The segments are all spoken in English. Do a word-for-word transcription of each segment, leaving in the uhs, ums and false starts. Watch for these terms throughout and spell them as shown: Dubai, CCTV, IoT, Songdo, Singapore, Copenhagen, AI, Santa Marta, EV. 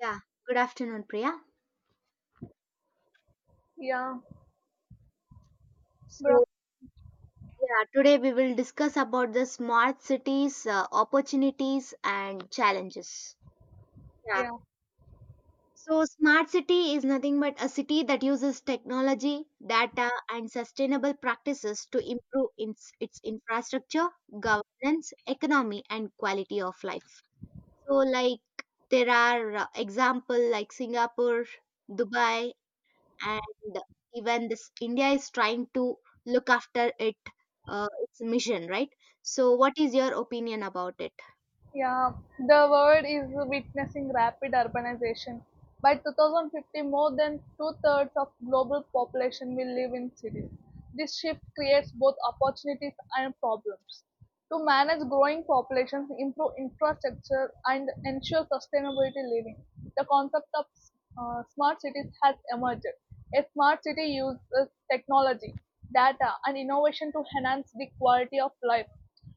Yeah, good afternoon, Priya. Yeah, bro. So, yeah, today we will discuss about the smart cities, uh, opportunities, and challenges. Yeah, Yeah, so smart city is nothing but a city that uses technology, data, and sustainable practices to improve its, its infrastructure, governance, economy, and quality of life. So, like, there are uh, example like Singapore, Dubai, and even this india is trying to look after it, uh, its mission, right? So what is your opinion about it? yeah. The world is witnessing rapid urbanization. By two thousand fifty, more than two thirds of global population will live in cities. This shift creates both opportunities and problems. To manage growing populations, improve infrastructure, and ensure sustainability living, the concept of uh, smart cities has emerged. A smart city uses technology, data, and innovation to enhance the quality of life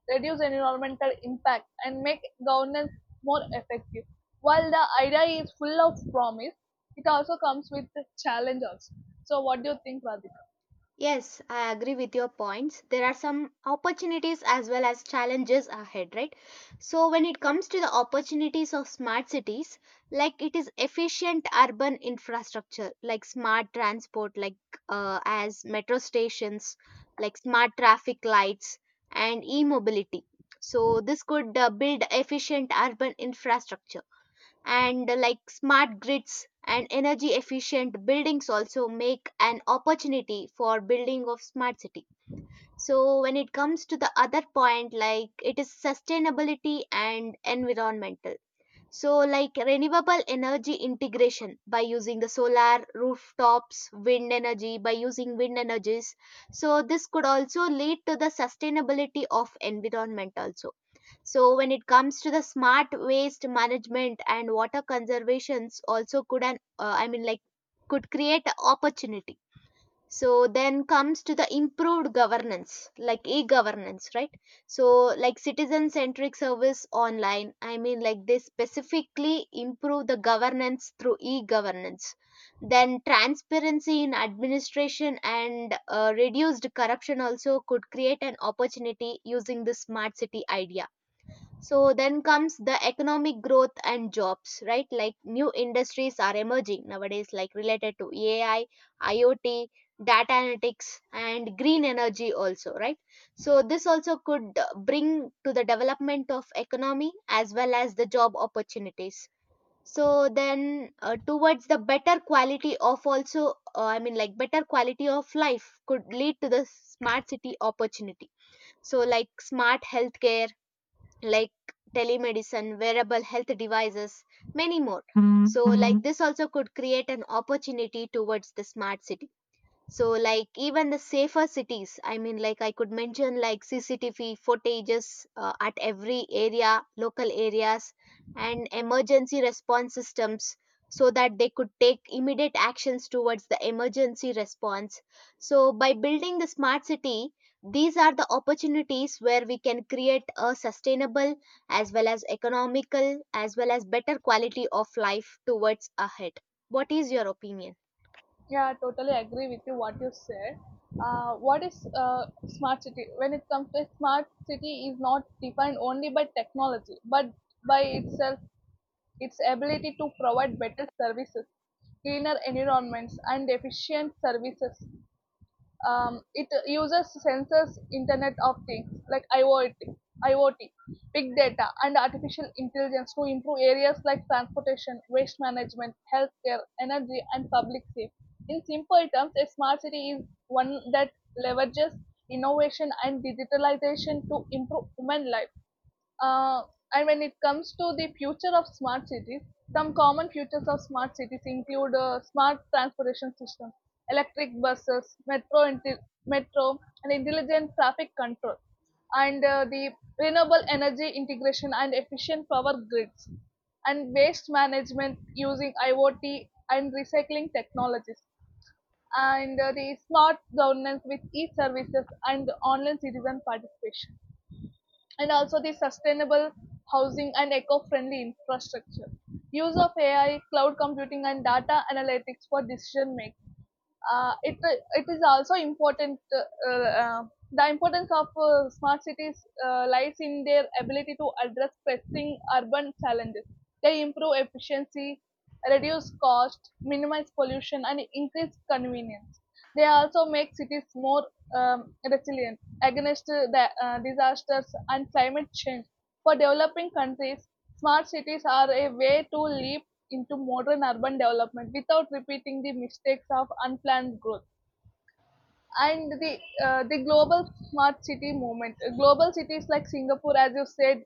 reduce environmental impact, and make governance more effective. While the idea is full of promise, it also comes with the challenge also. So, what do you think, Radhika? Yes, I agree with your points. There are some opportunities as well as challenges ahead, right? So, when it comes to the opportunities of smart cities, like it is efficient urban infrastructure, like smart transport, like uh, as metro stations, like smart traffic lights, and e mobility. So, this could uh, build efficient urban infrastructure, and uh, like smart grids and energy efficient buildings also make an opportunity for building of smart city. So when it comes to the other point, like it is sustainability and environmental, so, like renewable energy integration by using the solar rooftops, wind energy by using wind energies. So, this could also lead to the sustainability of environment also. So, when it comes to the smart waste management and water conservations, also could an uh, I mean like could create opportunity. So then comes to the improved governance, like e-governance, right? So like citizen centric service online, I mean like they specifically improve the governance through e-governance. Then transparency in administration and uh, reduced corruption also could create an opportunity using the smart city idea. So then comes the economic growth and jobs, right? Like new industries are emerging nowadays, like related to A I, IoT, data analytics, and green energy also, right? So this also could uh, bring to the development of economy as well as the job opportunities. So then uh, towards the better quality of also, uh, I mean like better quality of life could lead to the smart city opportunity. So like smart healthcare, like telemedicine, wearable health devices, many more. So, like. Mm-hmm. This also could create an opportunity towards the smart city. So, like, even the safer cities, I mean, like, I could mention like C C T V footages uh, at every area, local areas, and emergency response systems so that they could take immediate actions towards the emergency response. So, by building the smart city, these are the opportunities where we can create a sustainable as well as economical as well as better quality of life towards ahead. What is your opinion? Yeah, I totally agree with you what you said. Uh, what is uh, smart city? When it comes to smart city, is not defined only by technology, but by itself, its ability to provide better services, cleaner environments, and efficient services. Um, it uses sensors, Internet of Things like IoT, IoT, big data, and artificial intelligence to improve areas like transportation, waste management, healthcare, energy, and public safety. In simple terms, a smart city is one that leverages innovation and digitalization to improve human life. Uh, and when it comes to the future of smart cities, some common futures of smart cities include uh, smart transportation systems, electric buses, metro, inti- metro, and intelligent traffic control, and uh, the renewable energy integration and efficient power grids, and waste management using IoT and recycling technologies, and uh, the smart governance with e-services and online citizen participation, and also the sustainable housing and eco-friendly infrastructure, use of AI, cloud computing, and data analytics for decision making. Uh, it it is also important. Uh, uh, the importance of uh, smart cities uh, lies in their ability to address pressing urban challenges. They improve efficiency, reduce cost, minimize pollution, and increase convenience. They also make cities more um, resilient against uh, the, uh, disasters and climate change. For developing countries, smart cities are a way to leap into modern urban development without repeating the mistakes of unplanned growth. And the uh, the global smart city movement, Uh, global cities like Singapore, as you said,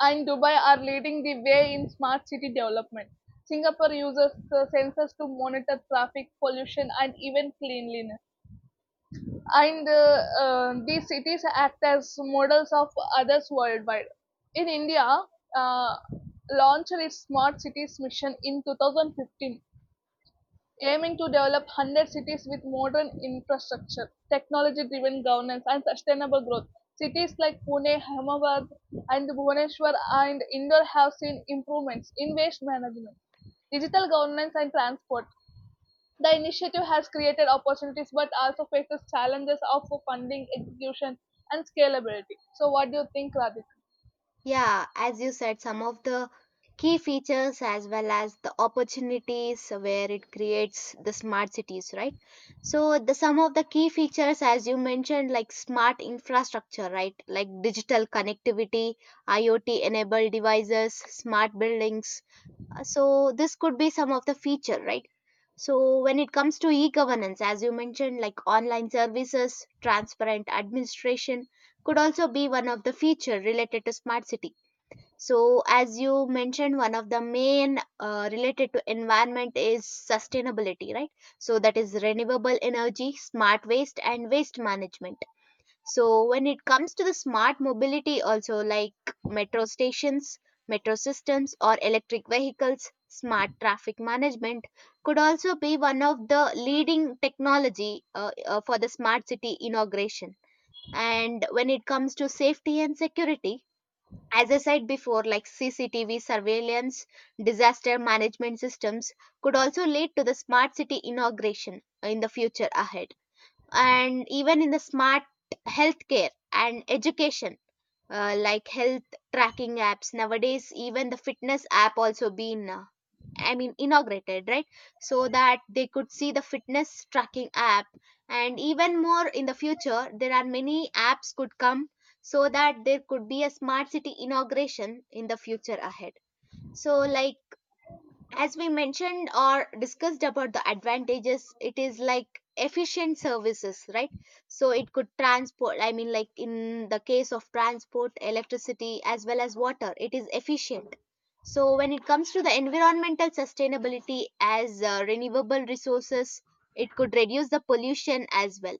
and Dubai are leading the way in smart city development. Singapore uses uh, sensors to monitor traffic pollution and even cleanliness, and uh, uh, these cities act as models of others worldwide. In India, uh, launched its Smart Cities mission in two thousand fifteen, aiming to develop one hundred cities with modern infrastructure, technology driven governance, and sustainable growth. Cities like Pune, Ahmedabad, and Bhubaneswar and Indore have seen improvements in waste management, digital governance, and transport. The initiative has created opportunities but also faces challenges of funding, execution, and scalability. So, what do you think, Radhika? Yeah, as you said, some of the key features as well as the opportunities where it creates the smart cities, right? So the some of the key features as you mentioned, like smart infrastructure, right? Like digital connectivity, IoT enabled devices, smart buildings. Uh, So this could be some of the feature, right? So when it comes to e-governance, as you mentioned, like online services, transparent administration could also be one of the feature related to smart city. So, as you mentioned, one of the main uh, related to environment is sustainability, right? So, that is renewable energy, smart waste, and waste management. So, when it comes to the smart mobility, also like metro stations, metro systems, or electric vehicles, smart traffic management could also be one of the leading technology uh, uh, for the smart city inauguration. And when it comes to safety and security, as I said before, like C C T V surveillance, disaster management systems could also lead to the smart city inauguration in the future ahead. And even in the smart healthcare and education, uh, like health tracking apps nowadays, even the fitness app also been uh, I mean, inaugurated, right? So that they could see the fitness tracking app. And even more in the future, there are many apps could come so that there could be a smart city inauguration in the future ahead. So, like, as we mentioned or discussed about the advantages, it is like efficient services, right? So it could transport, I mean like in the case of transport, electricity as well as water, it is efficient. So when it comes to the environmental sustainability, as uh, renewable resources, it could reduce the pollution as well.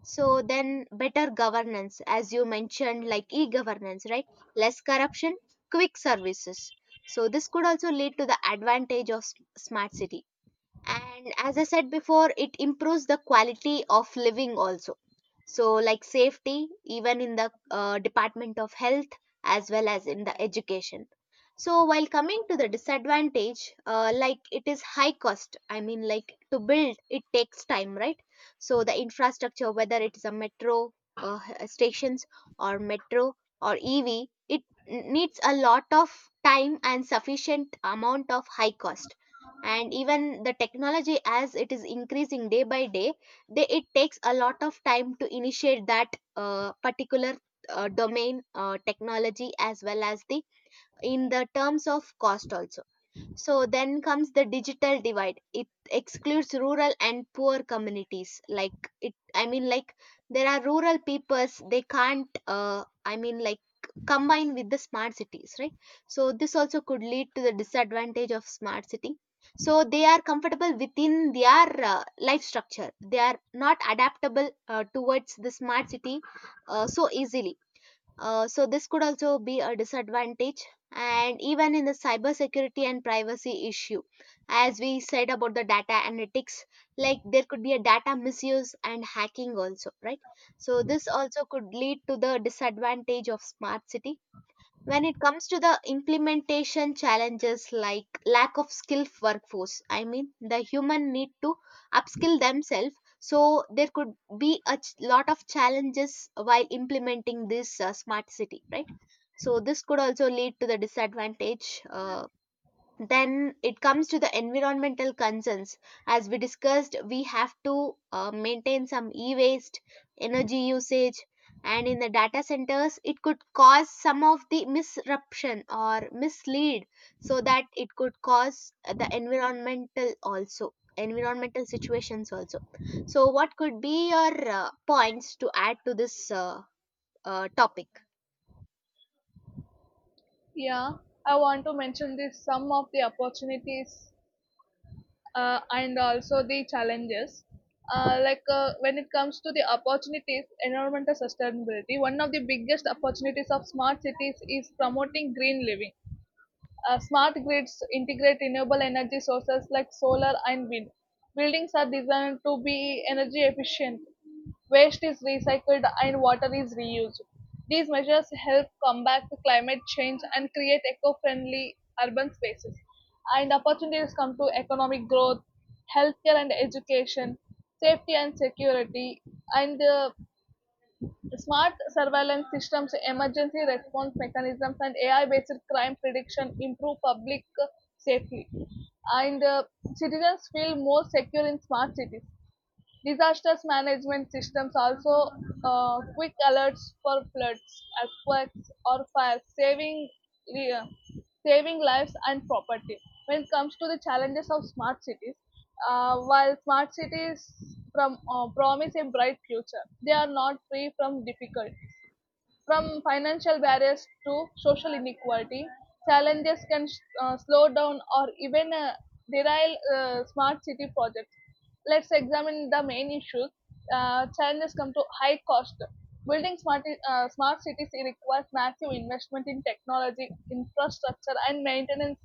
So then better governance, as you mentioned, like e-governance, right? Less corruption, quick services. So this could also lead to the advantage of s- smart city, and as I said before, it improves the quality of living also. So like safety, even in the uh, department of health as well as in the education. So while coming to the disadvantage, uh, like it is high cost, I mean like to build it takes time, right? So the infrastructure, whether it is a metro uh, h- stations, or metro, or ev, it n- needs a lot of time and sufficient amount of high cost. And even the technology, as it is increasing day by day, they, it takes a lot of time to initiate that uh, particular uh, domain, uh, technology as well as the in the terms of cost also. So then comes the digital divide. It excludes rural and poor communities. Like it, I mean, like there are rural peoples, they can't. Uh, I mean, like combine with the smart cities, right? So this also could lead to the disadvantage of smart city. So they are comfortable within their uh, life structure. They are not adaptable uh, towards the smart city uh, so easily, uh, so this could also be a disadvantage. And even in the cybersecurity and privacy issue, as we said about the data analytics, like there could be a data misuse and hacking also, right? So this also could lead to the disadvantage of smart city. When it comes to the implementation challenges, like lack of skilled workforce, I mean the human need to upskill themselves. So there could be a ch- lot of challenges while implementing this uh, smart city, right? So this could also lead to the disadvantage, uh, then it comes to the environmental concerns. As we discussed, we have to uh, maintain some e-waste, energy usage, and in the data centers it could cause some of the misruption or mislead, so that it could cause the environmental also environmental situations also. So what could be your uh, points to add to this uh, uh, topic? Yeah, I want to mention this some of the opportunities uh, and also the challenges. Uh, like uh, when it comes to the opportunities, environmental sustainability, one of the biggest opportunities of smart cities is promoting green living. Uh, smart grids integrate renewable energy sources like solar and wind. Buildings are designed to be energy efficient. Waste is recycled and water is reused. These measures help combat climate change and create eco-friendly urban spaces. And opportunities come to economic growth, healthcare and education, safety and security, and uh, smart surveillance systems, emergency response mechanisms, and A I-based crime prediction improve public uh, safety. And uh, citizens feel more secure in smart cities. Disaster management systems also uh, quick alerts for floods, earthquakes, or fires, saving uh, saving lives and property. When it comes to the challenges of smart cities, uh, while smart cities from, uh, promise a bright future, they are not free from difficulties. From financial barriers to social inequality, challenges can uh, slow down or even uh, derail uh, smart city projects. Let's examine the main issues. Uh, challenges come to high cost. Building smart, uh, smart cities requires massive investment in technology, infrastructure, and maintenance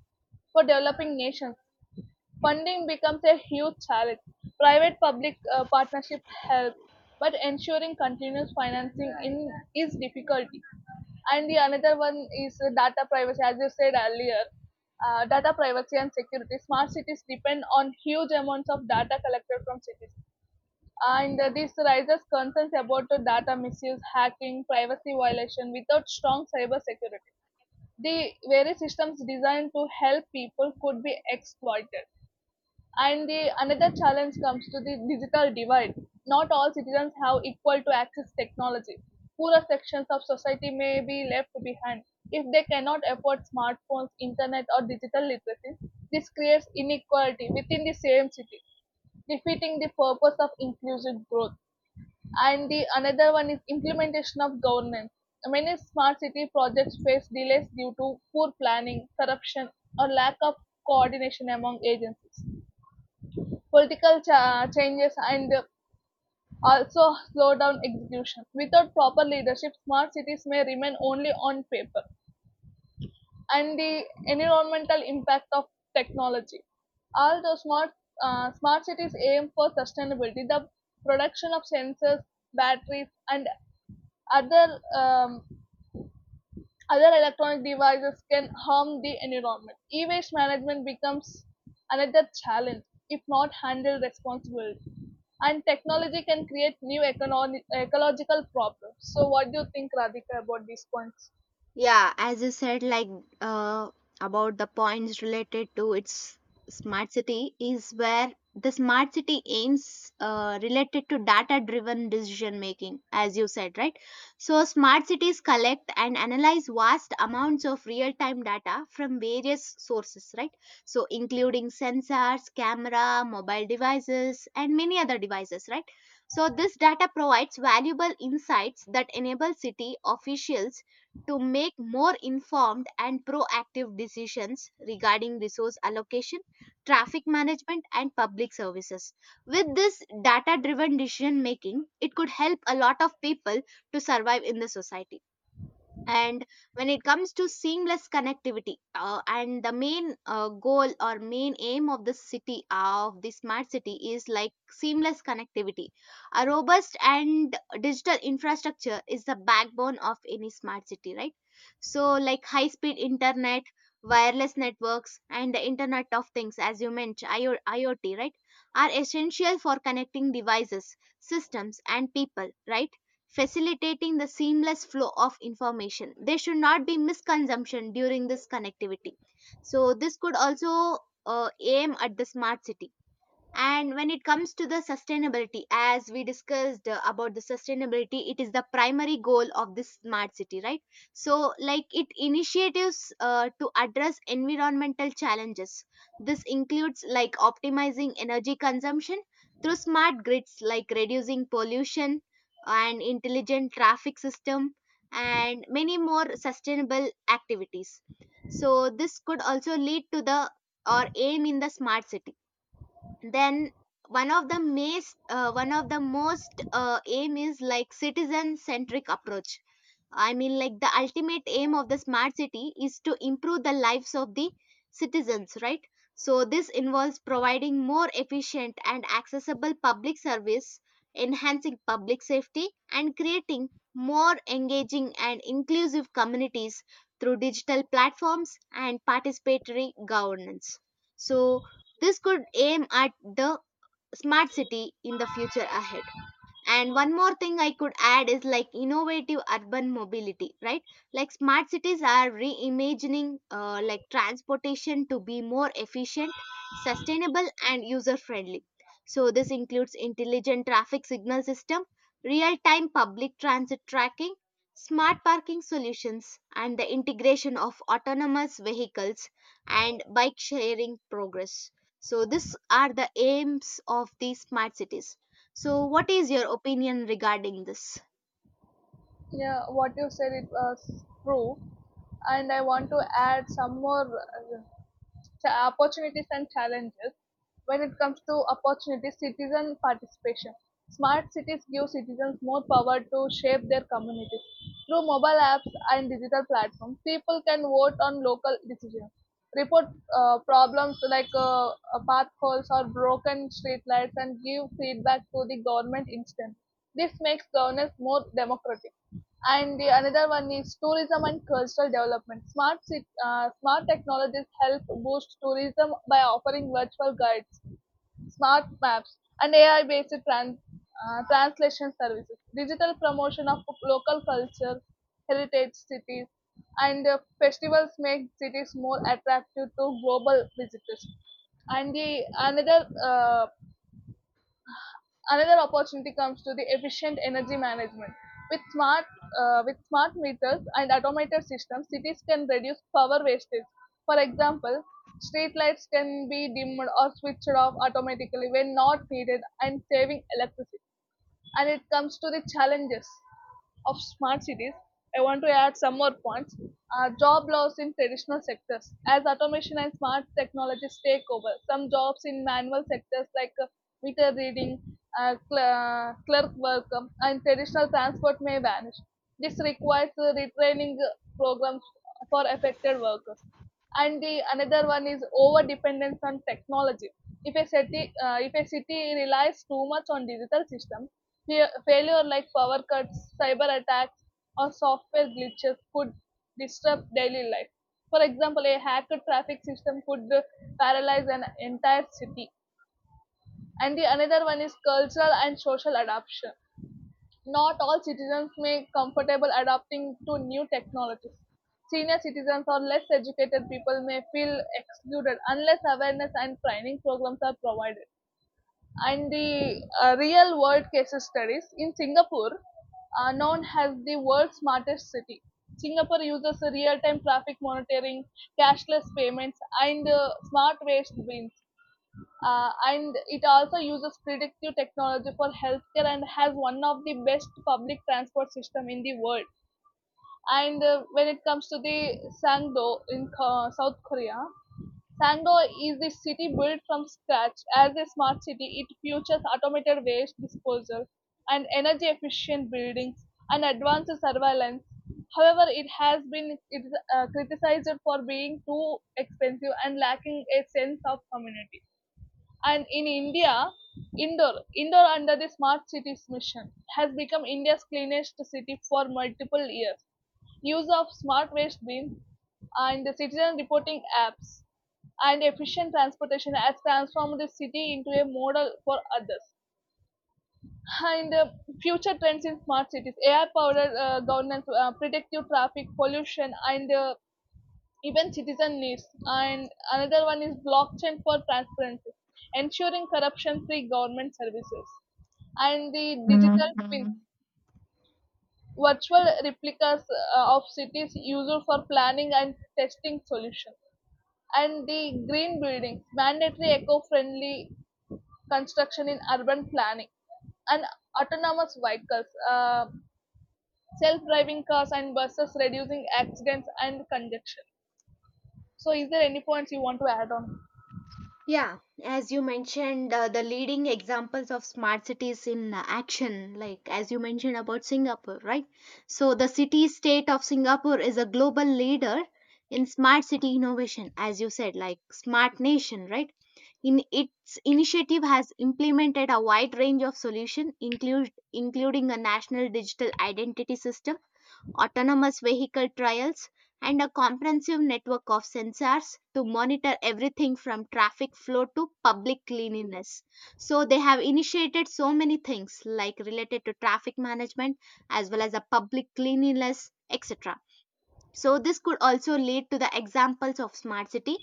for developing nations. Funding becomes a huge challenge. Private public uh, partnership helps, but ensuring continuous financing in is difficulty. And the another one is uh, data privacy, as you said earlier. Uh, data privacy and security. Smart cities depend on huge amounts of data collected from cities, and uh, this raises concerns about the data misuse, hacking, privacy violation without strong cyber security. The various systems designed to help people could be exploited, and the another challenge comes to the digital divide. Not all citizens have equal to access technology. Poorer sections of society may be left behind if they cannot afford smartphones, internet, or digital literacy. This creates inequality within the same city, defeating the purpose of inclusive growth. And the another one is implementation of governance. Many smart city projects face delays due to poor planning, corruption, or lack of coordination among agencies. Political cha- changes, and also slow down execution. Without proper leadership, smart cities may remain only on paper. And the environmental impact of technology. Although smart uh, smart cities aim for sustainability, the production of sensors, batteries, and other um, Other electronic devices can harm the environment. E waste management becomes another challenge if not handled responsibly. And technology can create new economic, ecological problems. So, what do you think, Radhika, about these points? Yeah, as you said, like, uh, about the points related to its smart city is where the smart city aims uh, related to data-driven decision making, as you said, right? So smart cities collect and analyze vast amounts of real-time data from various sources, right? So including sensors, camera, mobile devices, and many other devices, right? So this data provides valuable insights that enable city officials to make more informed and proactive decisions regarding resource allocation, traffic management, and public services. With this data driven decision making, it could help a lot of people to survive in the society. And when it comes to seamless connectivity, uh, and the main uh, goal or main aim of the city, uh, of the smart city is like seamless connectivity. A robust and digital infrastructure is the backbone of any smart city, right? So like high speed internet, wireless networks, and the internet of things, as you mentioned, I O- iot, right, are essential for connecting devices, systems, and people, right, facilitating the seamless flow of information. There should not be misconsumption during this connectivity. So, this could also uh, aim at the smart city. And when it comes to the sustainability, as we discussed, uh, about the sustainability, it is the primary goal of this smart city, right? So, like it initiatives uh, to address environmental challenges. This includes like optimizing energy consumption through smart grids, like reducing pollution and intelligent traffic system, and many more sustainable activities. So, this could also lead to the or aim in the smart city. Then one of the main, uh, one of the most uh, aim is like citizen centric approach. I mean, like the ultimate aim of the smart city is to improve the lives of the citizens, right? So, this involves providing more efficient and accessible public service, enhancing public safety, and creating more engaging and inclusive communities through digital platforms and participatory governance. So, this could aim at the smart city in the future ahead. And one more thing I could add is like innovative urban mobility, right? Like smart cities are reimagining uh, like transportation to be more efficient, sustainable, and user friendly. So this includes intelligent traffic signal system, real-time public transit tracking, smart parking solutions, and the integration of autonomous vehicles and bike sharing progress. So these are the aims of these smart cities. So, what is your opinion regarding this? Yeah, what you said it was true, and I want to add some more uh, cha- opportunities and challenges. When it comes to opportunities, citizen participation. Smart cities give citizens more power to shape their communities. Through mobile apps and digital platforms, people can vote on local decisions, report uh, problems like uh, uh, path holes or broken streetlights, and give feedback to the government instant. This makes governance more democratic, and the another one is tourism and cultural development. Smart cit- uh, smart technologies help boost tourism by offering virtual guides, smart maps, and A I-based trans- uh, translation services. Digital promotion of local culture, heritage cities, and uh, festivals make cities more attractive to global visitors, and the another uh, Another opportunity comes to the efficient energy management. With smart, uh, with smart meters and automated systems, cities can reduce power wastage. For example, street lights can be dimmed or switched off automatically when not needed and saving electricity. And it comes to the challenges of smart cities, I want to add some more points. Uh, job loss in traditional sectors. As automation and smart technologies take over, some jobs in manual sectors like uh, meter reading, uh, cl- uh, clerk work, um, and traditional transport may vanish. This requires uh, retraining uh, programs for affected workers, and the another one is over dependence on technology. If a city uh, if a city relies too much on digital system, fa- failure like power cuts, cyber attacks, or software glitches could disrupt daily life. For example, a hacked traffic system could uh, paralyze an entire city, and the another one is cultural and social adoption. Not all citizens may be comfortable adapting to new technologies. Senior citizens or less educated people may feel excluded unless awareness and training programs are provided. And the uh, real world case studies in Singapore, uh, known as the world's smartest city. Singapore uses real time traffic monitoring, cashless payments, and uh, smart waste bins, uh, and it also uses predictive technology for healthcare and has one of the best public transport system in the world. And uh, when it comes to the Sangdo in Ko- South Korea, Sangdo is the city built from scratch as a smart city. It features automated waste disposal and energy efficient buildings and advanced surveillance. However, it has been it is, uh, criticized for being too expensive and lacking a sense of community. And in India, Indore, Indore under the Smart Cities mission, has become India's cleanest city for multiple years. Use of smart waste bins and the citizen reporting apps and efficient transportation has transformed the city into a model for others. And uh, future trends in smart cities, A I powered uh, governance, uh, predictive traffic, pollution, and uh, even citizen needs. And another one is blockchain for transparency, ensuring corruption free government services. And the digital twins, virtual replicas uh, of cities used for planning and testing solutions. And the green buildings, mandatory eco friendly construction in urban planning, and autonomous vehicles, uh, self-driving cars and buses, reducing accidents and congestion. So, is there any points you want to add on? Yeah, as you mentioned, uh, the leading examples of smart cities in uh, action, like as you mentioned about Singapore, right? So, the city state of Singapore is a global leader in smart city innovation, as you said, like smart nation, right? In its initiative has implemented a wide range of solutions, include, including a national digital identity system autonomous vehicle trials, and a comprehensive network of sensors to monitor everything from traffic flow to public cleanliness. So they have initiated so many things like related to traffic management as well as a public cleanliness, et cetera. So this could also lead to the examples of smart city.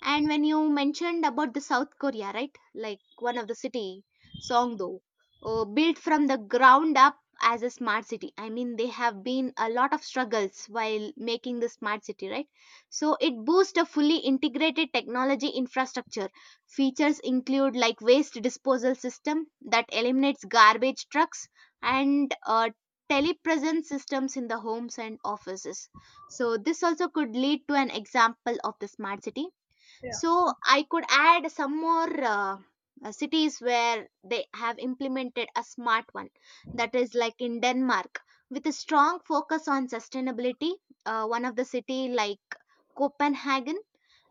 And when you mentioned about the South Korea, right? Like one of the city, Songdo, uh, built from the ground up as a smart city. I mean, they have been a lot of struggles while making the smart city, right? So it boosts a fully integrated technology infrastructure. Features include like waste disposal system that eliminates garbage trucks and uh, telepresence systems in the homes and offices. So this also could lead to an example of the smart city. Yeah. So I could add some more uh, uh, cities where they have implemented a smart one, that is like in Denmark, with a strong focus on sustainability. Uh, one of the city like Copenhagen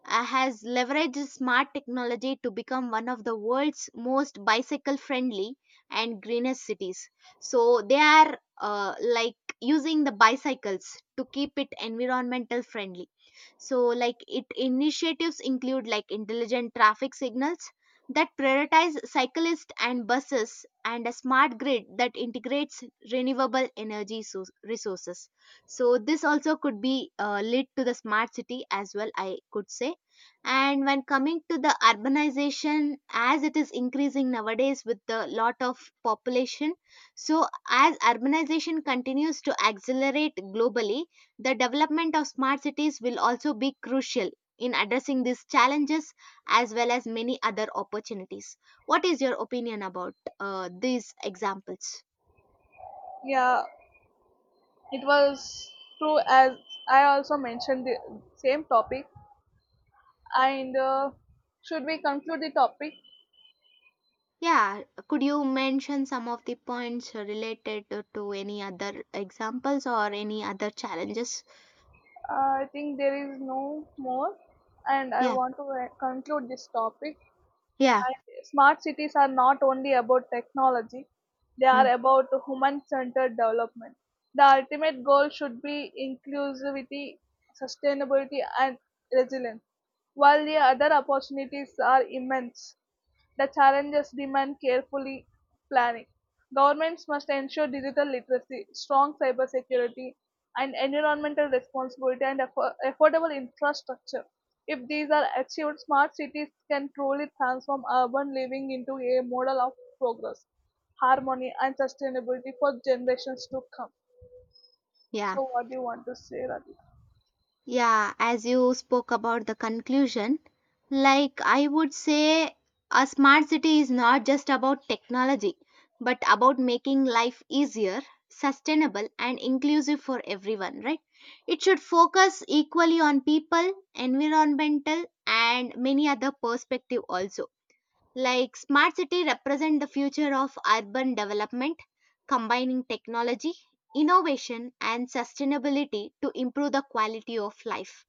uh, has leveraged smart technology to become one of the world's most bicycle friendly and greenest cities. So they are uh, like using the bicycles to keep it environmental friendly. So like it initiatives include like intelligent traffic signals that prioritize cyclists and buses, and a smart grid that integrates renewable energy so- resources. So this also could be uh, led to the smart city as well, I could say. And when coming to the urbanization as it is increasing nowadays with the lot of population, so as urbanization continues to accelerate globally, the development of smart cities will also be crucial in addressing these challenges as well as many other opportunities. What is your opinion about uh, these examples? Uh, it was true as I also mentioned the same topic. And uh, should we conclude the topic? Yeah, could you mention some of the points related to, to any other examples or any other challenges? Uh, I think there is no more, and I Yeah, want to uh, conclude this topic. yeah, I, smart cities are not only about technology; they are mm, about human-centered development. The ultimate goal should be inclusivity, sustainability, and resilience. While the other opportunities are immense, the challenges demand carefully planning. Governments must ensure digital literacy, strong cybersecurity, and environmental responsibility and affo- affordable infrastructure. If these are achieved, smart cities can truly transform urban living into a model of progress, harmony, and sustainability for generations to come. yeah. So, what do you want to say, Radhika? Yeah, as you spoke about the conclusion, like I would say, a smart city is not just about technology, but about making life easier, sustainable, and inclusive for everyone, right? It should focus equally on people, environmental, and many other perspective also. Like smart city represent the future of urban development, combining technology, innovation and sustainability to improve the quality of life.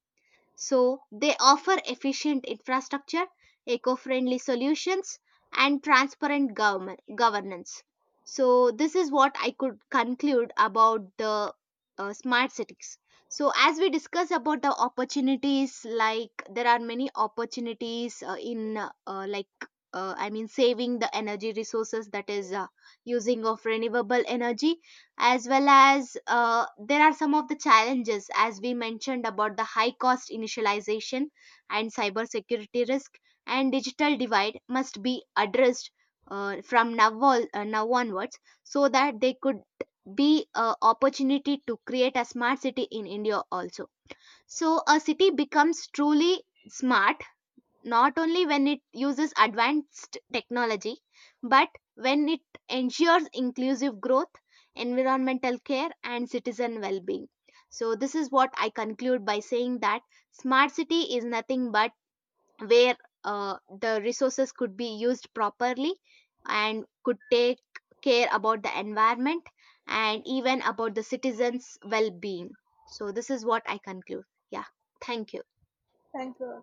So they offer efficient infrastructure, eco-friendly solutions, and transparent government governance. So this is what I could conclude about the uh, smart cities. So as we discuss about the opportunities, like there are many opportunities uh, in uh, uh, like uh, I mean saving the energy resources, that is uh, using of renewable energy, as well as uh, there are some of the challenges as we mentioned about the high cost initialization and cybersecurity risk, and digital divide must be addressed uh, from now, on, uh, now onwards, so that they could be a opportunity to create a smart city in India also. So a city becomes truly smart not only when it uses advanced technology, but when it ensures inclusive growth, environmental care, and citizen well being. So, this is what I conclude by saying that smart city is nothing but where uh, the resources could be used properly and could take care about the environment and even about the citizens' well being. So, this is what I conclude. Yeah, thank you. Thank you.